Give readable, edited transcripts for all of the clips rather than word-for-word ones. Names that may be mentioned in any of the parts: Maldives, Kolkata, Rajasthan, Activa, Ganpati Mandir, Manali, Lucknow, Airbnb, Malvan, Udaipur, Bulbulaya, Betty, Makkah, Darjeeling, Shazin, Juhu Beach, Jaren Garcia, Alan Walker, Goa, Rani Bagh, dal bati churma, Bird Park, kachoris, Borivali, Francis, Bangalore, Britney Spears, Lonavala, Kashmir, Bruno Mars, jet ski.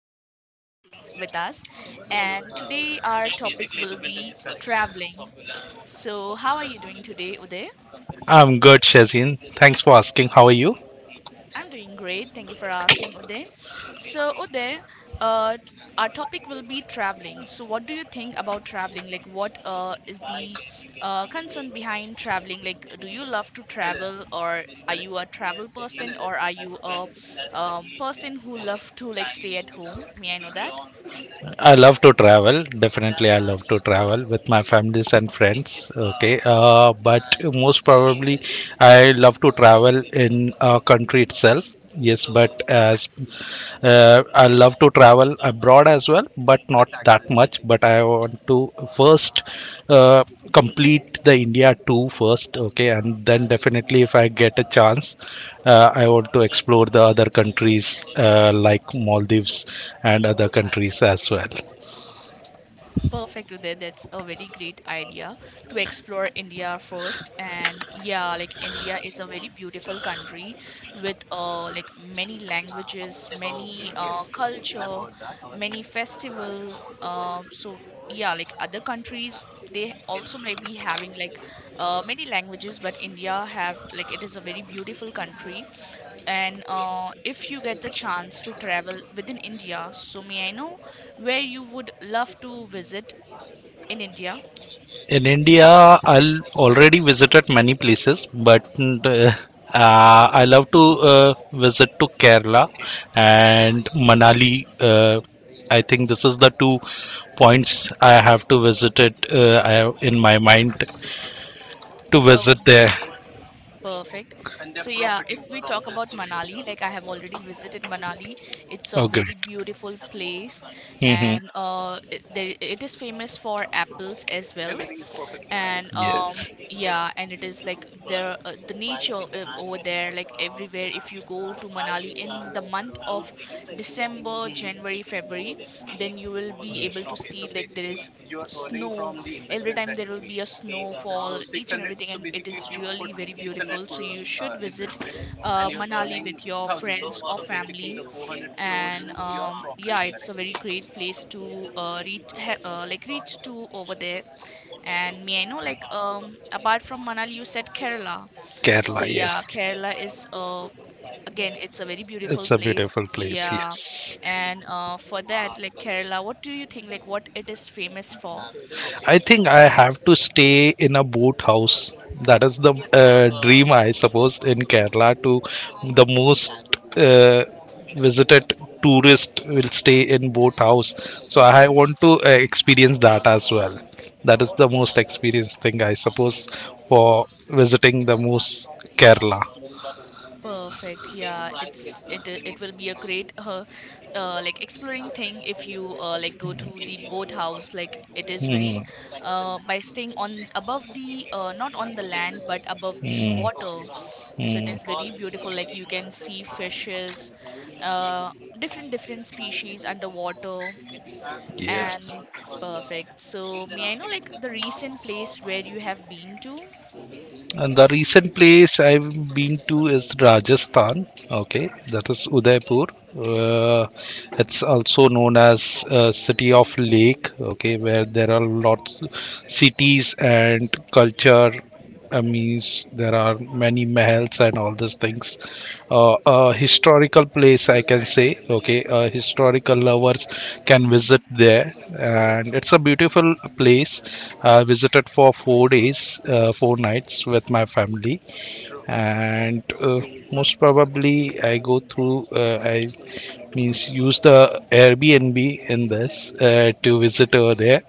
have Uday with us, and today our topic will be traveling. So, how are you doing today, Uday? I'm good, Shazin. Thanks for asking. How are you? I'm doing great. Thank you for asking, Uday. So, Uday, uh, our topic will be traveling. So, what do you think about traveling? Like, what is the concern behind traveling? Like, do you love to travel, or are you a travel person, or are you a person who love to like stay at home? May I know that? I love to travel. Definitely, I love to travel with my families and friends. Okay, but most probably, I love to travel in a country itself. Yes, but as I love to travel abroad as well, but not that much. But I want to first uh, complete the India 2 first, okay, and then definitely if I get a chance, I want to explore the other countries like Maldives and other countries as well. Perfect, Uday. That's a very great idea to explore India first. And yeah, like India is a very beautiful country with like many languages, many culture, many festival. So yeah, like other countries, they also may be having like many languages, but India have like it is a very beautiful country and if you get the chance to travel within India, so may I know where you would love to visit in India? In India, I'll already visited many places, but I love to visit to Kerala and Manali. I think this is the 2 points I have to visit it. I have in my mind to Oh. visit there. Perfect. So yeah, if we talk about Manali, like I have already visited Manali, it's a Oh, great! very beautiful place, Hmm. and it, there, it is famous for apples as well, and Yes, yeah, and it is like there the nature over there, like everywhere. If you go to Manali in the month of December, January, February, then you will be able to see like there is snow every time. There will be a snowfall, each and everything, and it is really very beautiful, so you should visit Manali with your friends or family. And yeah, it's a very great place to like reach to over there. And may I know, like, apart from Manali, you said Kerala? So Kerala. yeah, Yes, Kerala is again, it's a very beautiful it's a place, beautiful place. yeah. Yes. And for that, like Kerala, what do you think, like what it is famous for? I think I have to stay in a boat house. That is the dream, I suppose, in Kerala. To the most uh, visited tourist will stay in boat house. So I want to experience that as well. That is the most experienced thing, I suppose, for visiting the most Kerala. Perfect. Yeah, it will be a great like exploring thing if you like go to the boat house. Like it is Hmm. very by staying on above the not on the land but above the Hmm. water. So it Hmm. is very beautiful. Like you can see fishes, uh different different species underwater Yes. and perfect. So may I know like the recent place where you have been to? And the recent place I've been to is Rajasthan. Okay, that is Udaipur. Uh, it's also known as City of Lake. Okay, where there are lots cities and culture. I mean, there are many mahals and all these things. A historical place, I can say. Okay, historical lovers can visit there, and it's a beautiful place. I visited for four days, four nights with my family, and most probably I go through. I means use the Airbnb in this to visit over there.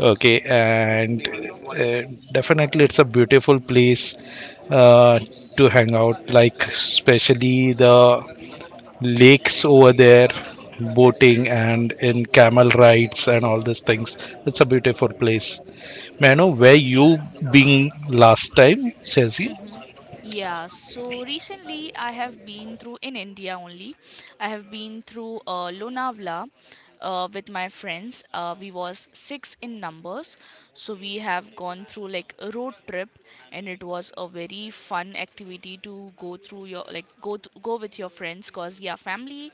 Okay, and definitely it's a beautiful place uh, to hang out. Like especially the lakes over there, boating and in camel rides and all these things, it's a beautiful place. May I know where you been last time, Shazin? Yeah, so recently I have been through in India only. I have been through Lonavala with my friends. We was six in numbers, so we have gone through like a road trip, and it was a very fun activity to go through your like go with your friends. Cause yeah, family,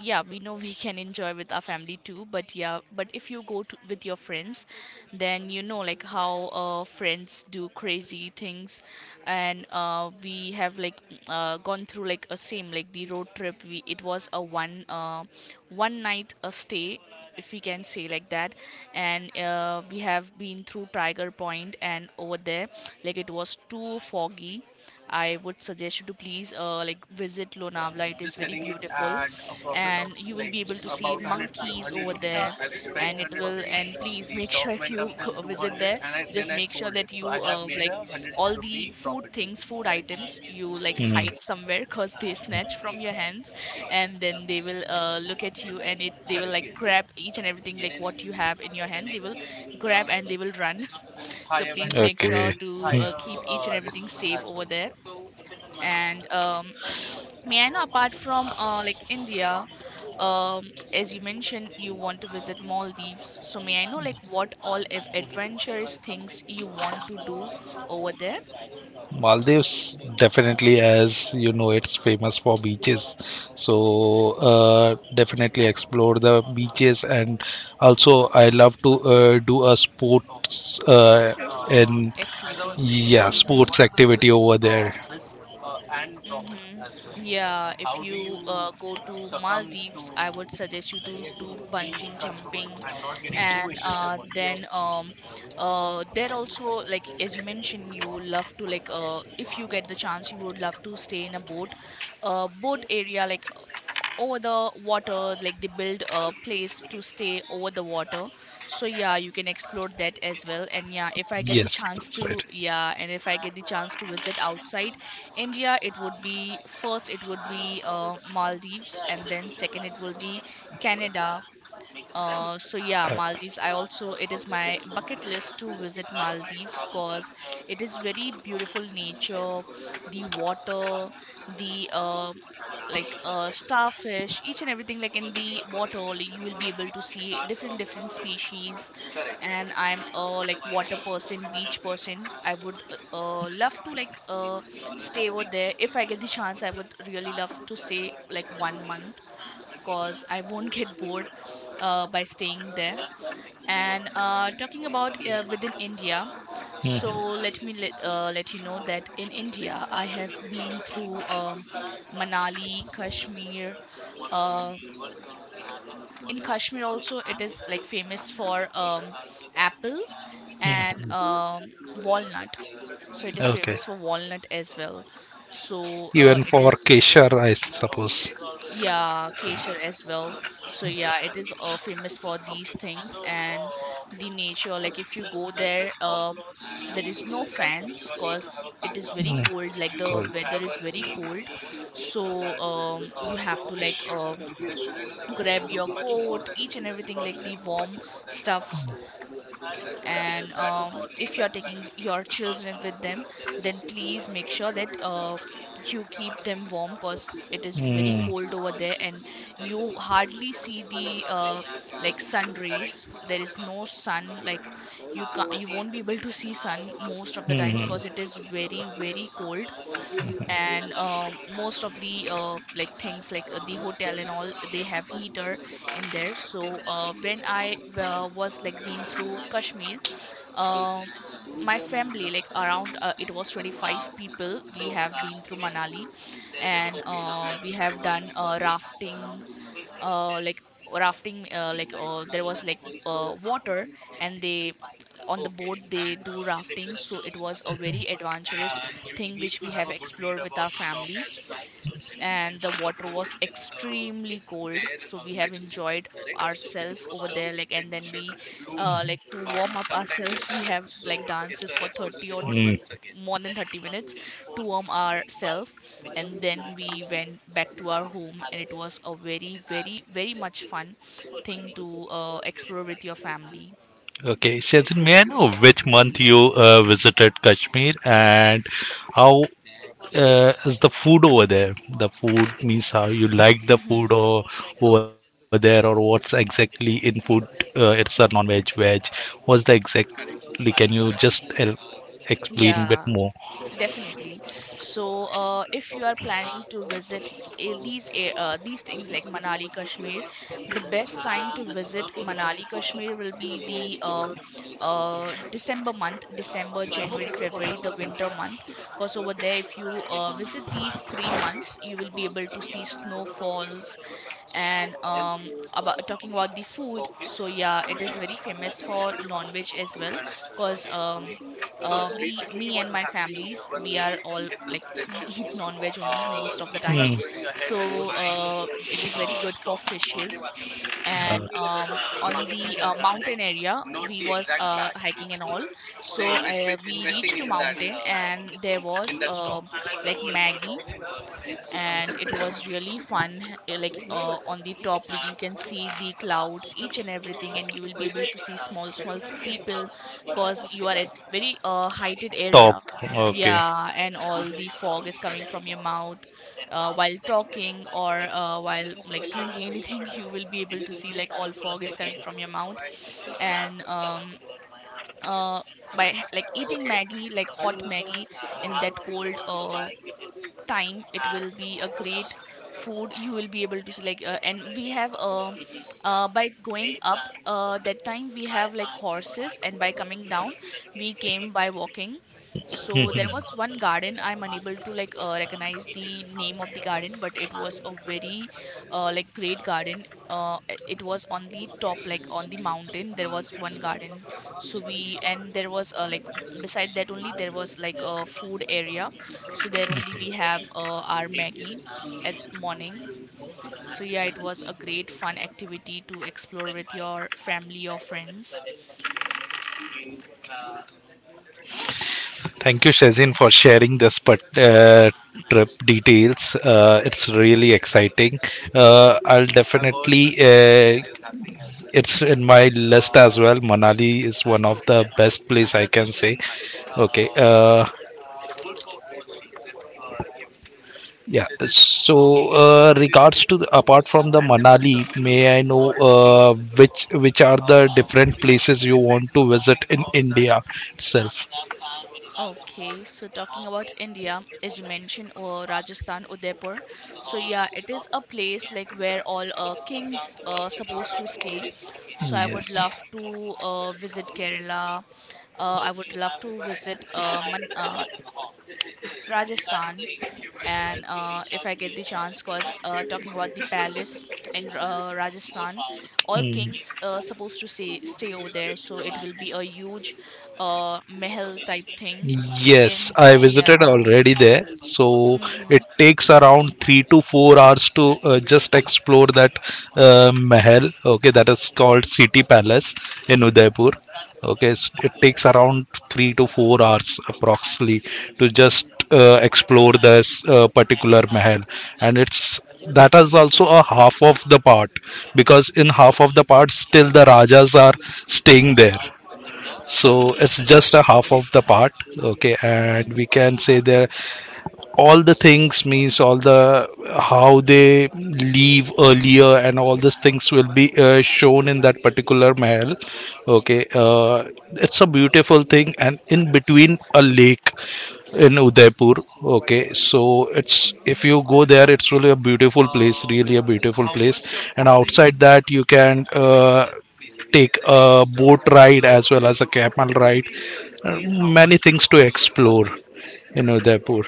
yeah, we know we can enjoy with our family too, but yeah, but if you go to, with your friends, then you know like how friends do crazy things. And we have like gone through like a same like the road trip. We it was a one one night a stay, if we can say like that. And we have been through Tiger Point, and over there like it was too foggy. I would suggest you to please like visit Lonavala. It is very beautiful, and you will be able to see monkeys over there. And it will and please make sure if you go visit there, just make sure that you like all the food things, food items you like Hmm. hide somewhere, because they snatch from your hands, and then they will look at you, and it they will like grab each and everything like what you have in your hand, they will grab and they will run. So please make sure Okay. to Hmm. Keep each and everything safe over there. And may I know, apart from like India, as you mentioned, you want to visit Maldives. So may I know, like, what all adventurous things you want to do over there? Maldives definitely, as you know, it's famous for beaches. So definitely explore the beaches, and also I love to do a sports and Activity. yeah, Mm-hmm. sports activity over there. Mm-hmm. Yeah, if you go to Maldives, I would suggest you to do bungee jumping. And then there also, like as you mentioned, you love to like if you get the chance, you would love to stay in a boat, boat area, like over the water, like they build a place to stay over the water. So yeah, you can explore that as well. And yeah, if I get the Yes, chance that's right. to, yeah, and if I get the chance to visit outside India, it would be first, it would be Maldives, and then second it will be Canada. So yeah, Uh, Maldives. I also, it is my bucket list to visit Maldives, because it is very beautiful nature, the water, the like starfish, each and everything. Like in the water, like, you will be able to see different different species. And I'm a like water person, beach person. I would love to like stay over there if I get the chance. I would really love to stay like one month, because I won't get bored by staying there. And talking about within India, so mhm. let me let you know that in India, I have been through Manali, Kashmir. Uh, in Kashmir also, it is like famous for apple and Mhm. Walnut. So it is Okay. famous for walnut as well. So Even it for is Kesher, I suppose. Right? Yeah, Kesher as well. So yeah, it is famous for these things and the nature. Like if you go there, there is no You. fans, because it is very cold. Like the Good. weather is very cold, so you have to like grab your coat, each and everything, like the warm stuff. And if you're taking your children with them, then please make sure that you keep them warm, because it is very Mm. cold over there. And you hardly see the like sun rays. There is no sun. Like you can, you won't be able Mhm. to see sun most of the time, Mm. because it is very very cold. And most of the like things like the hotel and all, they have heater in there. So when I was like been through Kashmir, um my family like, around it was 25 people, we have been through Manali. And we have done rafting, like rafting, there was like water and they on the boat, they do rafting. So it was a very adventurous thing which we have explored with our family. And the water was extremely cold, so we have enjoyed ourselves over there, like, and then we like to warm up ourselves, we have like dances for more than 30 minutes to warm ourselves. And then we went back to our home, and it was a very very very much fun thing to explore with your family. Okay, Shazin, may I know which month you visited Kashmir and how is the food over there? The food means how you like the Hmm. food or over there, or what's exactly in food? It's a non-veg, Hmm. veg. What's the exactly? Can you just explain a bit Yeah. more? Definitely. So, if you are planning to visit these things like Manali, Kashmir, the best time to visit Manali, Kashmir will be the December month, December, January, February, the winter month. Because over there, if you visit these three months, you will be able to see snowfalls. And about, talking about the food, so yeah, it is very famous for non-veg as well, because we, me and my families, we are all like eat non-veg only most of the time. Hmm. So it is very good for fishes. Uh, And on the mountain area, we was hiking and all. So we reached to mountain, and there was like Maggie, and it was really fun. On the top, like you can see the clouds, each and everything, and you will be able to see small small people, cause you are at very heighted top. area. Okay. Yeah, and all Hmm. the fog is coming from your mouth while talking or while like drinking anything. You will be able to see like all fog is coming from your mouth. And uh by like eating Maggie, like hot Maggie in that cold time, it will be a great food. You will be able to see like and we have by going up that time, we have like horses. And by coming down, we came by walking. So there was one garden, I'm unable to like recognize the name of the garden, but it was a very like great garden. It was on the top, like on the mountain there was one garden. So we, and there was like beside that only, there was like a food area. So there only we have our Maggie at morning. So yeah, it was a great fun activity to explore with your family or friends. Thank you, Shazin, for sharing this part, trip details. It's really exciting. I'll definitely. It's in my list as well. Manali is one of the best place I can say. Okay. Yeah. So, regards to the, apart from the Manali, may I know uh, which are the different places you want to visit in India itself? Okay so talking about India, as you mentioned, Rajasthan, Udaipur. So yeah, it is a place like where all kings supposed to stay. So I would Yes. love to visit Kerala. I would love to visit Rajasthan. And if I get the chance, cause talking about the palace in Rajasthan, all kings supposed to stay over there, so it will be a huge mehal type thing. Yes, In I visited yeah, already there. So mm-hmm. it takes around 3 to 4 hours to just explore that Mahal. Okay, that is called City Palace in Udaipur. Okay, it takes around 3 to 4 hours approximately to just explore this particular Mahal, and it's that is also a half of the part because in half of the part still the rajas are staying there, so it's just a half of the part. Okay, and Mm-hmm. we can say there all the things means all the how they leave earlier and all these things will be shown in that particular mahal. Okay, it's a beautiful thing and in between a lake in Udaipur. Okay, so it's if Mm-hmm. you go there, it's really a beautiful place, really a beautiful place. And outside Mm-hmm. that, you can take a boat ride as well as a camel ride. Uh, many things to explore in Udaipur.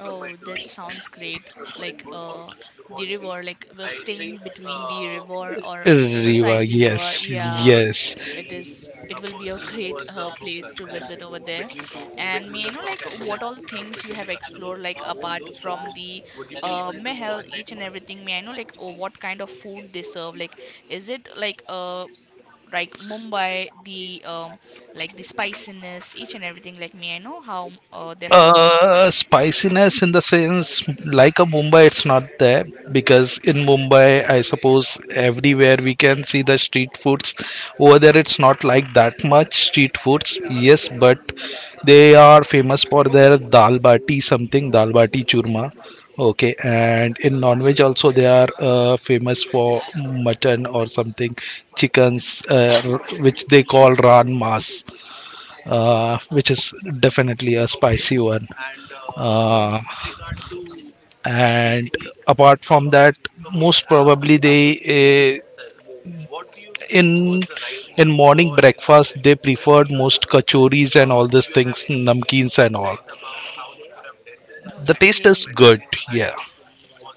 Oh, that sounds great. Like the river, like we're staying between the river or Riva, beside the river. yes, Yeah. yes. it is it will be a great place to visit over there. And may I know like what all things you have explored, like apart from the mehel, each and everything? May I know like, oh, what kind of food they serve, like is it like Mumbai, the like the spiciness, each and everything? Like may I know how their food is. Spiciness in the sense like a Mumbai, it's not there because in Mumbai, I suppose everywhere we can see the street foods. Over there, it's not like that much street foods. Yes, but they are famous for their dal bati something, dal bati churma. Okay, and in non-veg also they are famous for mutton or something, chickens, which they call ran mas, which is definitely a spicy one. Oh, Uh, and apart from that, most probably they uh, in in morning breakfast they preferred most kachoris and all these things, namkeens and all. The taste is okay. good, yeah.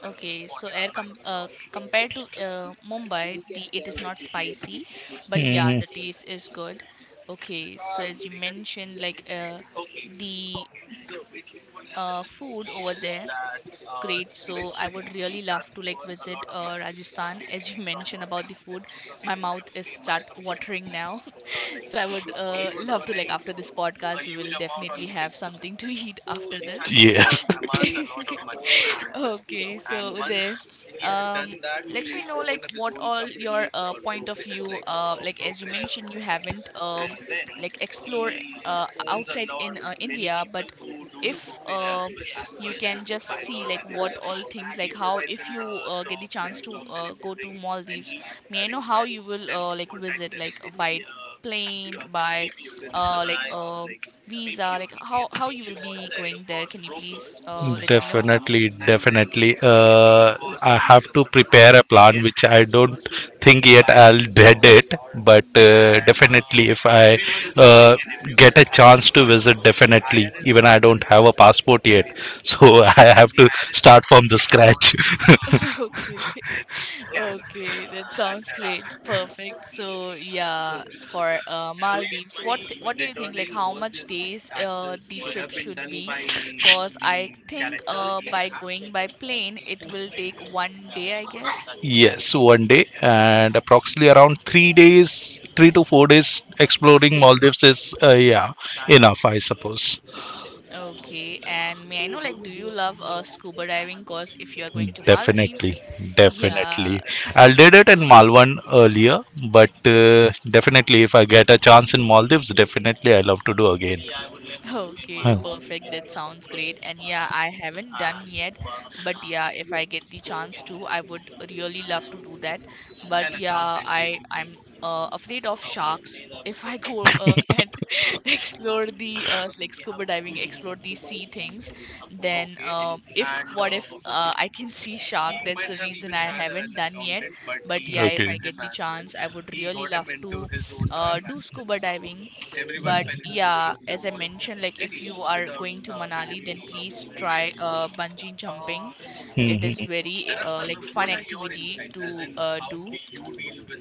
Okay, so air com compared to Mumbai, the it is not spicy, but yeah, the Mhm. taste is good. Okay, so as you mentioned, like the food over there, great. So I would really love to like visit Rajasthan. As you mentioned about the food, my mouth is start watering now. So I would love to like after this podcast, we will definitely have something to eat after this. Okay, so then um let me know like what all your point of view, like as you mentioned you haven't like explore outside in India. But if you can just see like what all things like how, if you get the chance to go to Maldives, may I know how you will like visit, like by plane, by uh, like uh, visa, like how you will be going there? Can you please let me know some? Definitely, definitely. I have to prepare a plan, which I don't think yet I'll dread it. But Mm-hmm. definitely, if I uh, get a chance to visit, definitely, even I don't have a passport yet, so I have to start from the scratch. Okay. Okay, that sounds great, perfect. So yeah, for Maldives, what do you think like how much days the trip should be? Because I think by going by plane it will take 1 day, I guess. Yes, one day and approximately around 3 days, 3 to 4 days exploring Stay. Maldives is, yeah, Hmm. enough, I suppose. Okay, and may I know like do you love scuba diving? Because if you are going to Definitely, Maldives, yeah. definitely. I did it in Malvan earlier, but definitely, if I get a chance in Maldives, definitely I love to do again. Okay, Huh. perfect. That sounds great. And yeah, I haven't done yet, but yeah, if I get the chance to, I would really love to do that. But yeah, I'm afraid of sharks. If I go and explore the like scuba diving, explore the sea things, then if what if I can see shark? That's the reason I haven't done yet. But yeah, if Okay. I get the chance, I would really love to do scuba diving. But yeah, as I mentioned, like if you are going to Manali, then please try bungee jumping. It is Mhm. very like fun activity to do.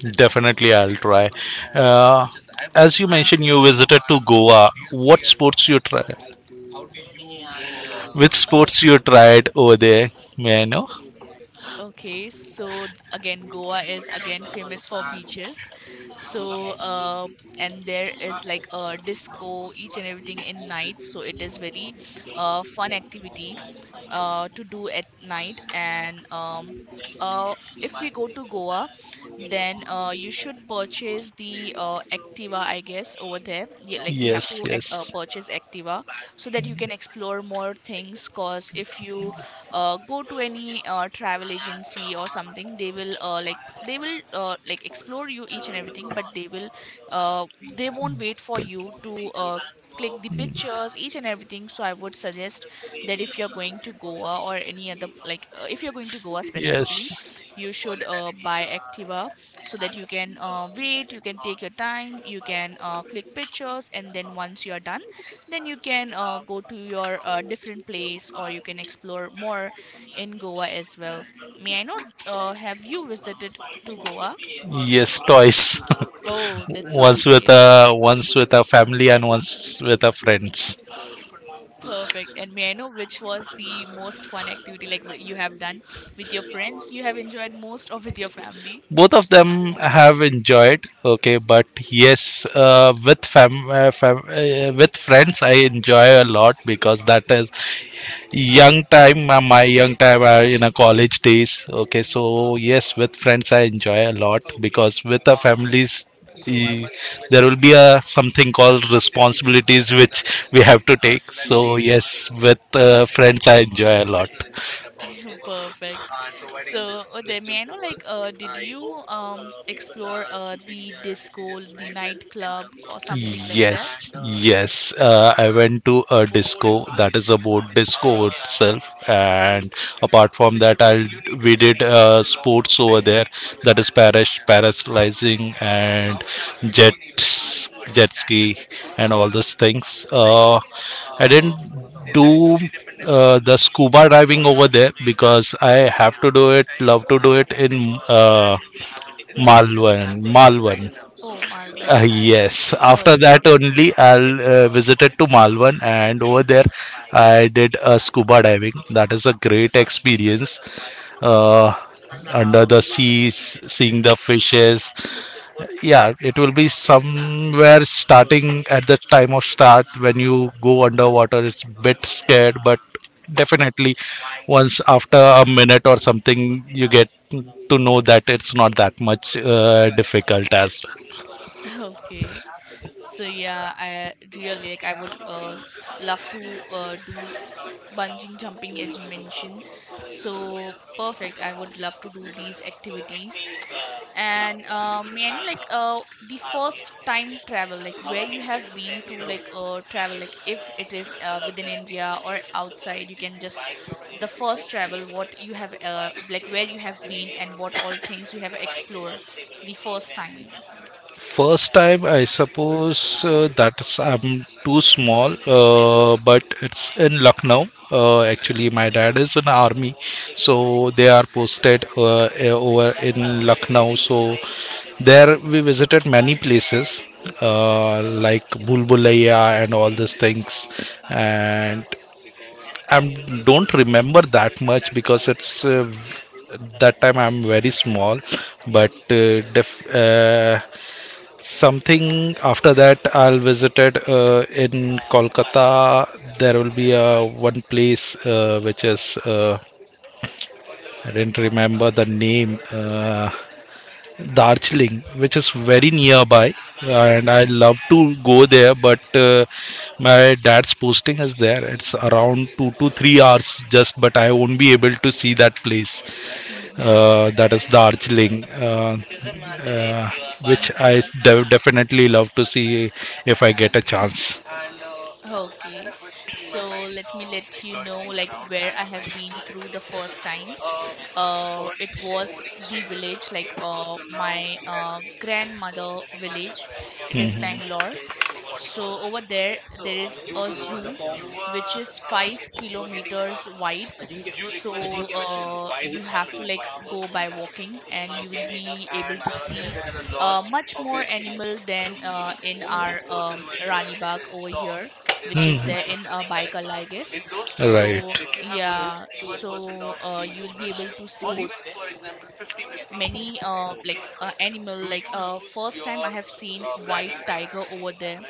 It definitely, I'll try. Uh, as you mentioned, you visited to Goa. What sports you try? Which Uh. sports you tried over there? May I know? Okay, so again, Goa is again famous for beaches. So, and there is like a disco, each and everything in night. So it is very, fun activity, to do at night. And uh, if we go to Goa, then you should purchase the Activa, I guess, over there. Yeah, like you have Yes, to yes, purchase Activa so that you can explore more things. Cause if you go to any travel agency or something, they will like explore you each and everything, but they will uh, they won't wait for but you to click the pictures, each and everything. So I would suggest that if you're going to Goa or any other, like if you're going to Goa specifically, yes, you should buy Activa so that you can wait, you can take your time, you can click pictures, and then once you are done, then you can go to your different place, or you can explore more in Goa as well. May I know, have you visited to Goa? yes, twice. Oh, that sounds Once with great. a once with a family and once with a friends. Perfect. And may I know which was the most fun activity, like you have done? With your friends you have enjoyed most, or with your family? Both of them have enjoyed. Okay, but yes, with fam, fam with friends I enjoy a lot because that is young time, my young time in a college days. Okay, so yes, with friends I enjoy a lot because with the families e- there will be a something called responsibilities which we have to take. So yes, with friends I enjoy a lot. Perfect. So then may I know like did you explore the disco, the nightclub or something like that? Yes, yes. I went to a disco that is about disco itself, and apart from that, I we did sports over there, that is parish parasailing and jet jet ski and all those things. I didn't do the scuba diving over there because I have to do it, love to do it in Maldives. Malvan, Malvan. Oh, Malvan. Yes. After that Okay. only, I'll visited to Malvan, and over there, I did a scuba diving. That is a great experience. Uh, under the sea, seeing the fishes. Yeah, it will be somewhere starting at the time of start when you go underwater. It's a bit scared, but definitely once after a minute or something, you get to know that it's not that much difficult as Okay. So yeah, I really like I would love to do bungee jumping as you mentioned. So perfect. I would love to do these activities. And may I know like the first time travel, like where you have been to, like travel, like if it is within India or outside, you can just the first travel, what you have like where you have been and what all things you have explored the first time. first time, I suppose that's I'm too small, but it's in Lucknow. Actually, my dad is in army, so they are posted over in Lucknow. So there we visited many places like Bulbulaya and all these things, and I don't remember that much because it's that time I'm very small, but something after that I'll visited in Kolkata. There will be a one place which is I didn't remember the name. Darjeeling, which is very nearby, and I Mm-hmm. love to go there. But my dad's posting is there. It's around 2 to 3 hours just, but I won't be able to see that place. Mm-hmm. That is Darjeeling, uh, which I Okay. Definitely love to see if I get a chance. Okay. So let me let you know like where I have been through the first time. It was the village like my grandmother village. It is Bangalore. So over there, there is a zoo which is 5 kilometers wide. So you have to like go by walking, and you will be able to see much more animal than in our Rani Bagh over here, which is there in Baikal, I guess. Right. So yeah, so you will be able to see 50 many animal. Like first time I have seen white tiger over there.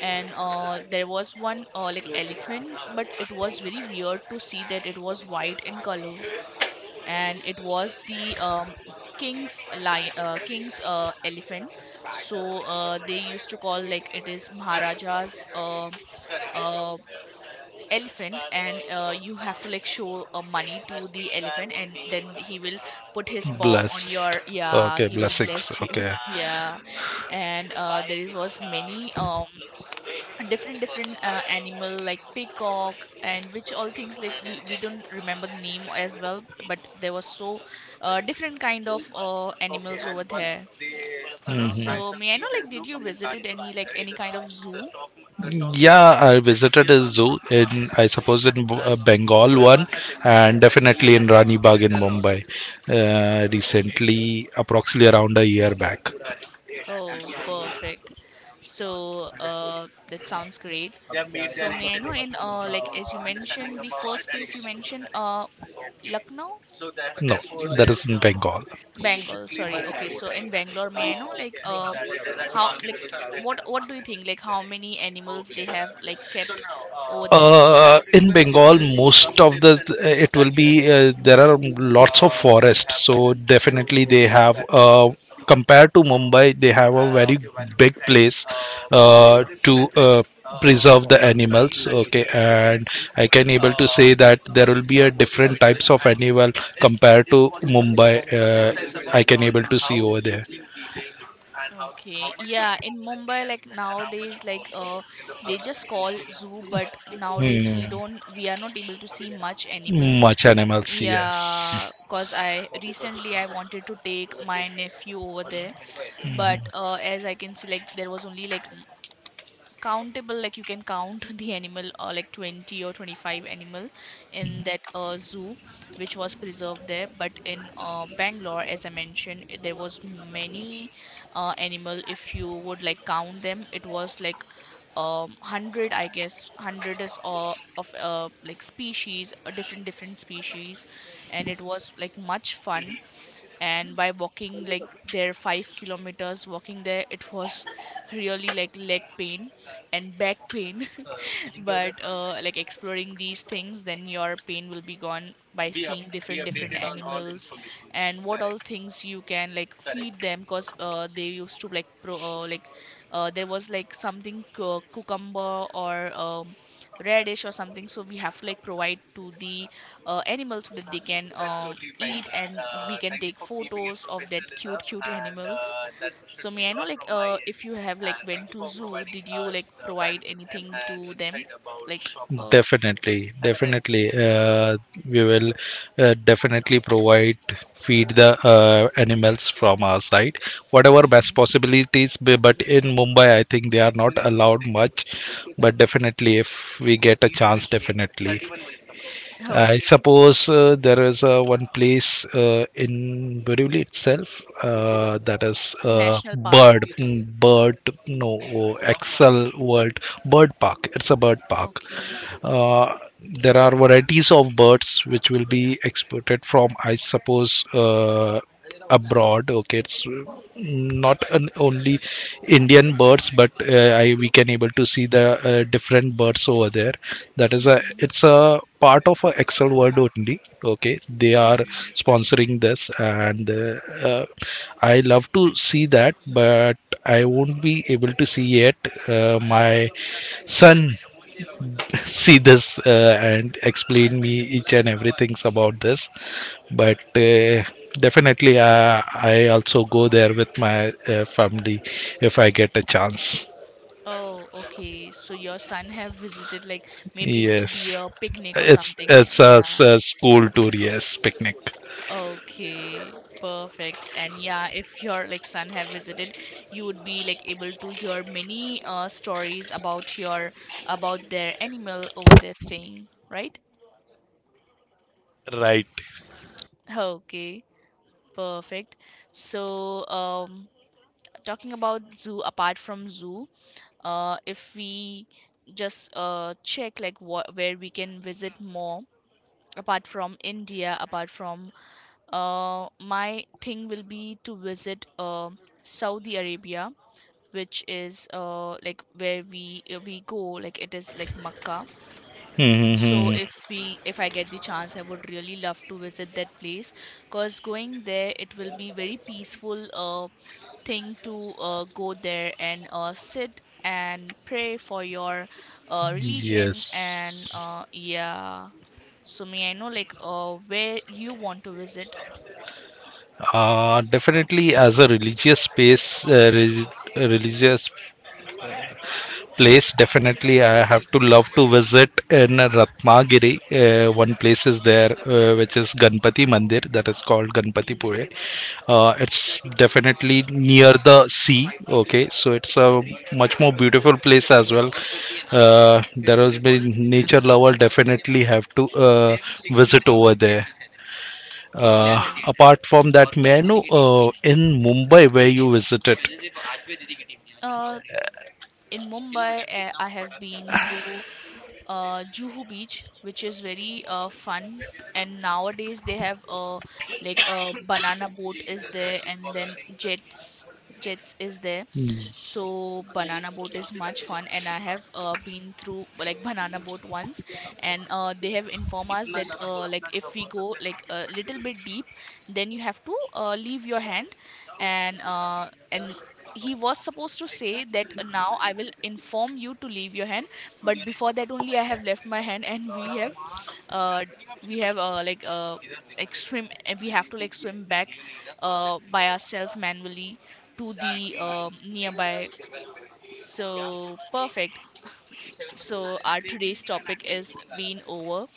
And there was one like elephant, but it was very weird to see that it was white in color, and it was the king's lion, king's elephant. So they used to call like it is maharaja's uh, elephant. And you have to like show money to the elephant and then he will put his basically? paw on Blessed. your, yeah, Okay, he will blessings. bless you. Okay. Yeah. And there is was many different different animal like peacock and which all things like we don't remember the name as well, but there was so different kind of animals over there. So may I know like did you visited any like any kind of zoo? Stock market. Yeah, I visited is a zoo in, I suppose, in Bengal one, and definitely in Rani Bagh in Mumbai, recently, approximately around a year back. Oh, perfect. So that sounds great. So may I know in like as you mentioned the first place you mentioned Lucknow. No, that is in Bengal. Bengal, sorry. Okay, so in Bangalore, may I know like how like what do you think like how many animals they have like kept over there? In Bengal, most of the it will be there are lots of forests, so definitely they have compared to Mumbai, they have a very big place to preserve the animals. Okay, and I can able to say that there will be a different types of animal compared to Mumbai. uh, I can able to see over there. Okay, yeah, in Mumbai like nowadays like they just call zoo, but nowadays Hmm. We are not able to see much animals. Much animals, yes. Yeah, cause I recently I wanted to take my nephew over there, but as I can see like there was only like countable, like you can count the animal like 20 or 25 animal in that zoo which was preserved there. But in Bangalore, as I mentioned, there was many animal, if you would like count them it was like 100, I guess. 100 is of like species, different different species, and it was like much fun. And by walking like there 5 kilometers walking there, it was really like leg pain and back pain. But like exploring these things, then your pain will be gone by seeing different different animals. And what all things you can like feed them, because they used to like pro like there was like something cucumber or radish or something, so we have to like provide to the animals so that they can eat, and we can take photos of that cute cute animals. So may I know like if you have like went to zoo, did you like provide anything to them? Like uh Definitely, have a nice day, definitely. We will definitely provide feed the animals from our side. Whatever best mhm. possibilities, but in Mumbai, I think they are not allowed much. But definitely, if we get a chance, definitely. I Okay. suppose there is one place in Borivali itself that is National park. Bird, mm, Bird, no, oh, Excel World, Bird Park. It's a bird park. Okay. Uh, there are varieties of birds which will be exported from, I suppose, abroad. Okay, it's not an only Indian birds, but we can able to see the different birds over there. That is a Mm-hmm. it's a part of a Excel World only. Okay, they are Mm. sponsoring this, and uh, I love to see that, but I won't be able to see yet. My son see this and explain me each and everything's about this, but definitely I also go there with my family if I get a chance. Oh, okay. So your son have visited like maybe it will be Yes, a picnic or it's something. Yeah. a school tour, yes, picnic. Okay. Perfect. And yeah, if your like son have visited, you would be like able to hear many stories about your, about their animal over there staying, right? Right. Okay, perfect. So, talking about zoo, apart from zoo, if we just check like what where we can visit more apart from India, apart from my thing will be to visit Saudi Arabia, which is like where we go, like it is like Makkah. So Hmm. if we, if I get the chance, I would really love to visit that place, because going there it will be very peaceful thing to go there and sit and pray for your religion. And Yes, yeah. So may I know like where you want to visit? Definitely as a religious space, religious place, definitely I have to love to visit in Ratnagiri. One place is there which is Ganpati Mandir, that is called Ganpati Pure. It's definitely near the sea. Okay, so it's a much more beautiful place as well. uh, there has been nature lover definitely have to visit over there. uh, Oh. apart from that, may I know in Mumbai where you visited? uh, in Mumbai, I have been through Juhu Beach, which is very fun. And nowadays they have like a banana boat is there, and then jets is there. So banana boat is much fun, and I have been through like banana boat once. And they have informed us that like if we go like a little bit deep, then you have to leave your hand. And he was supposed to say that now I will inform you to leave your hand, but before that only I have left my hand, and uh, we have like swim, and we have to like swim back by ourselves manually to the nearby. So perfect. So our today's topic is been over.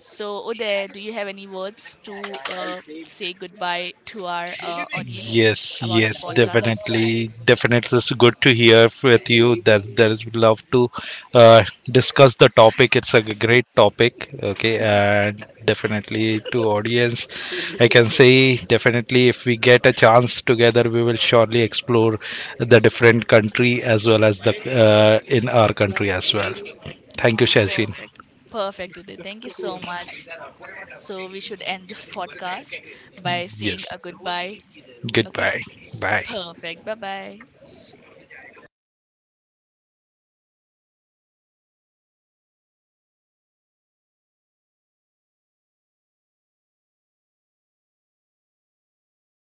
So Uday, do you have any words to say goodbye to our audience Yes, about the yes, podcast? definitely, definitely. It's good to hear with you. That there is love to discuss the topic. It's a great topic. Okay, and definitely to audience, I can say definitely if we get a chance together, we will surely explore the different country as well as the in our country as well. Thank you, Shazin. Perfect. Perfect, Uday. Thank you so much. So we should end this podcast by saying Yes. a goodbye. Okay? Goodbye. Bye. Perfect. Bye bye.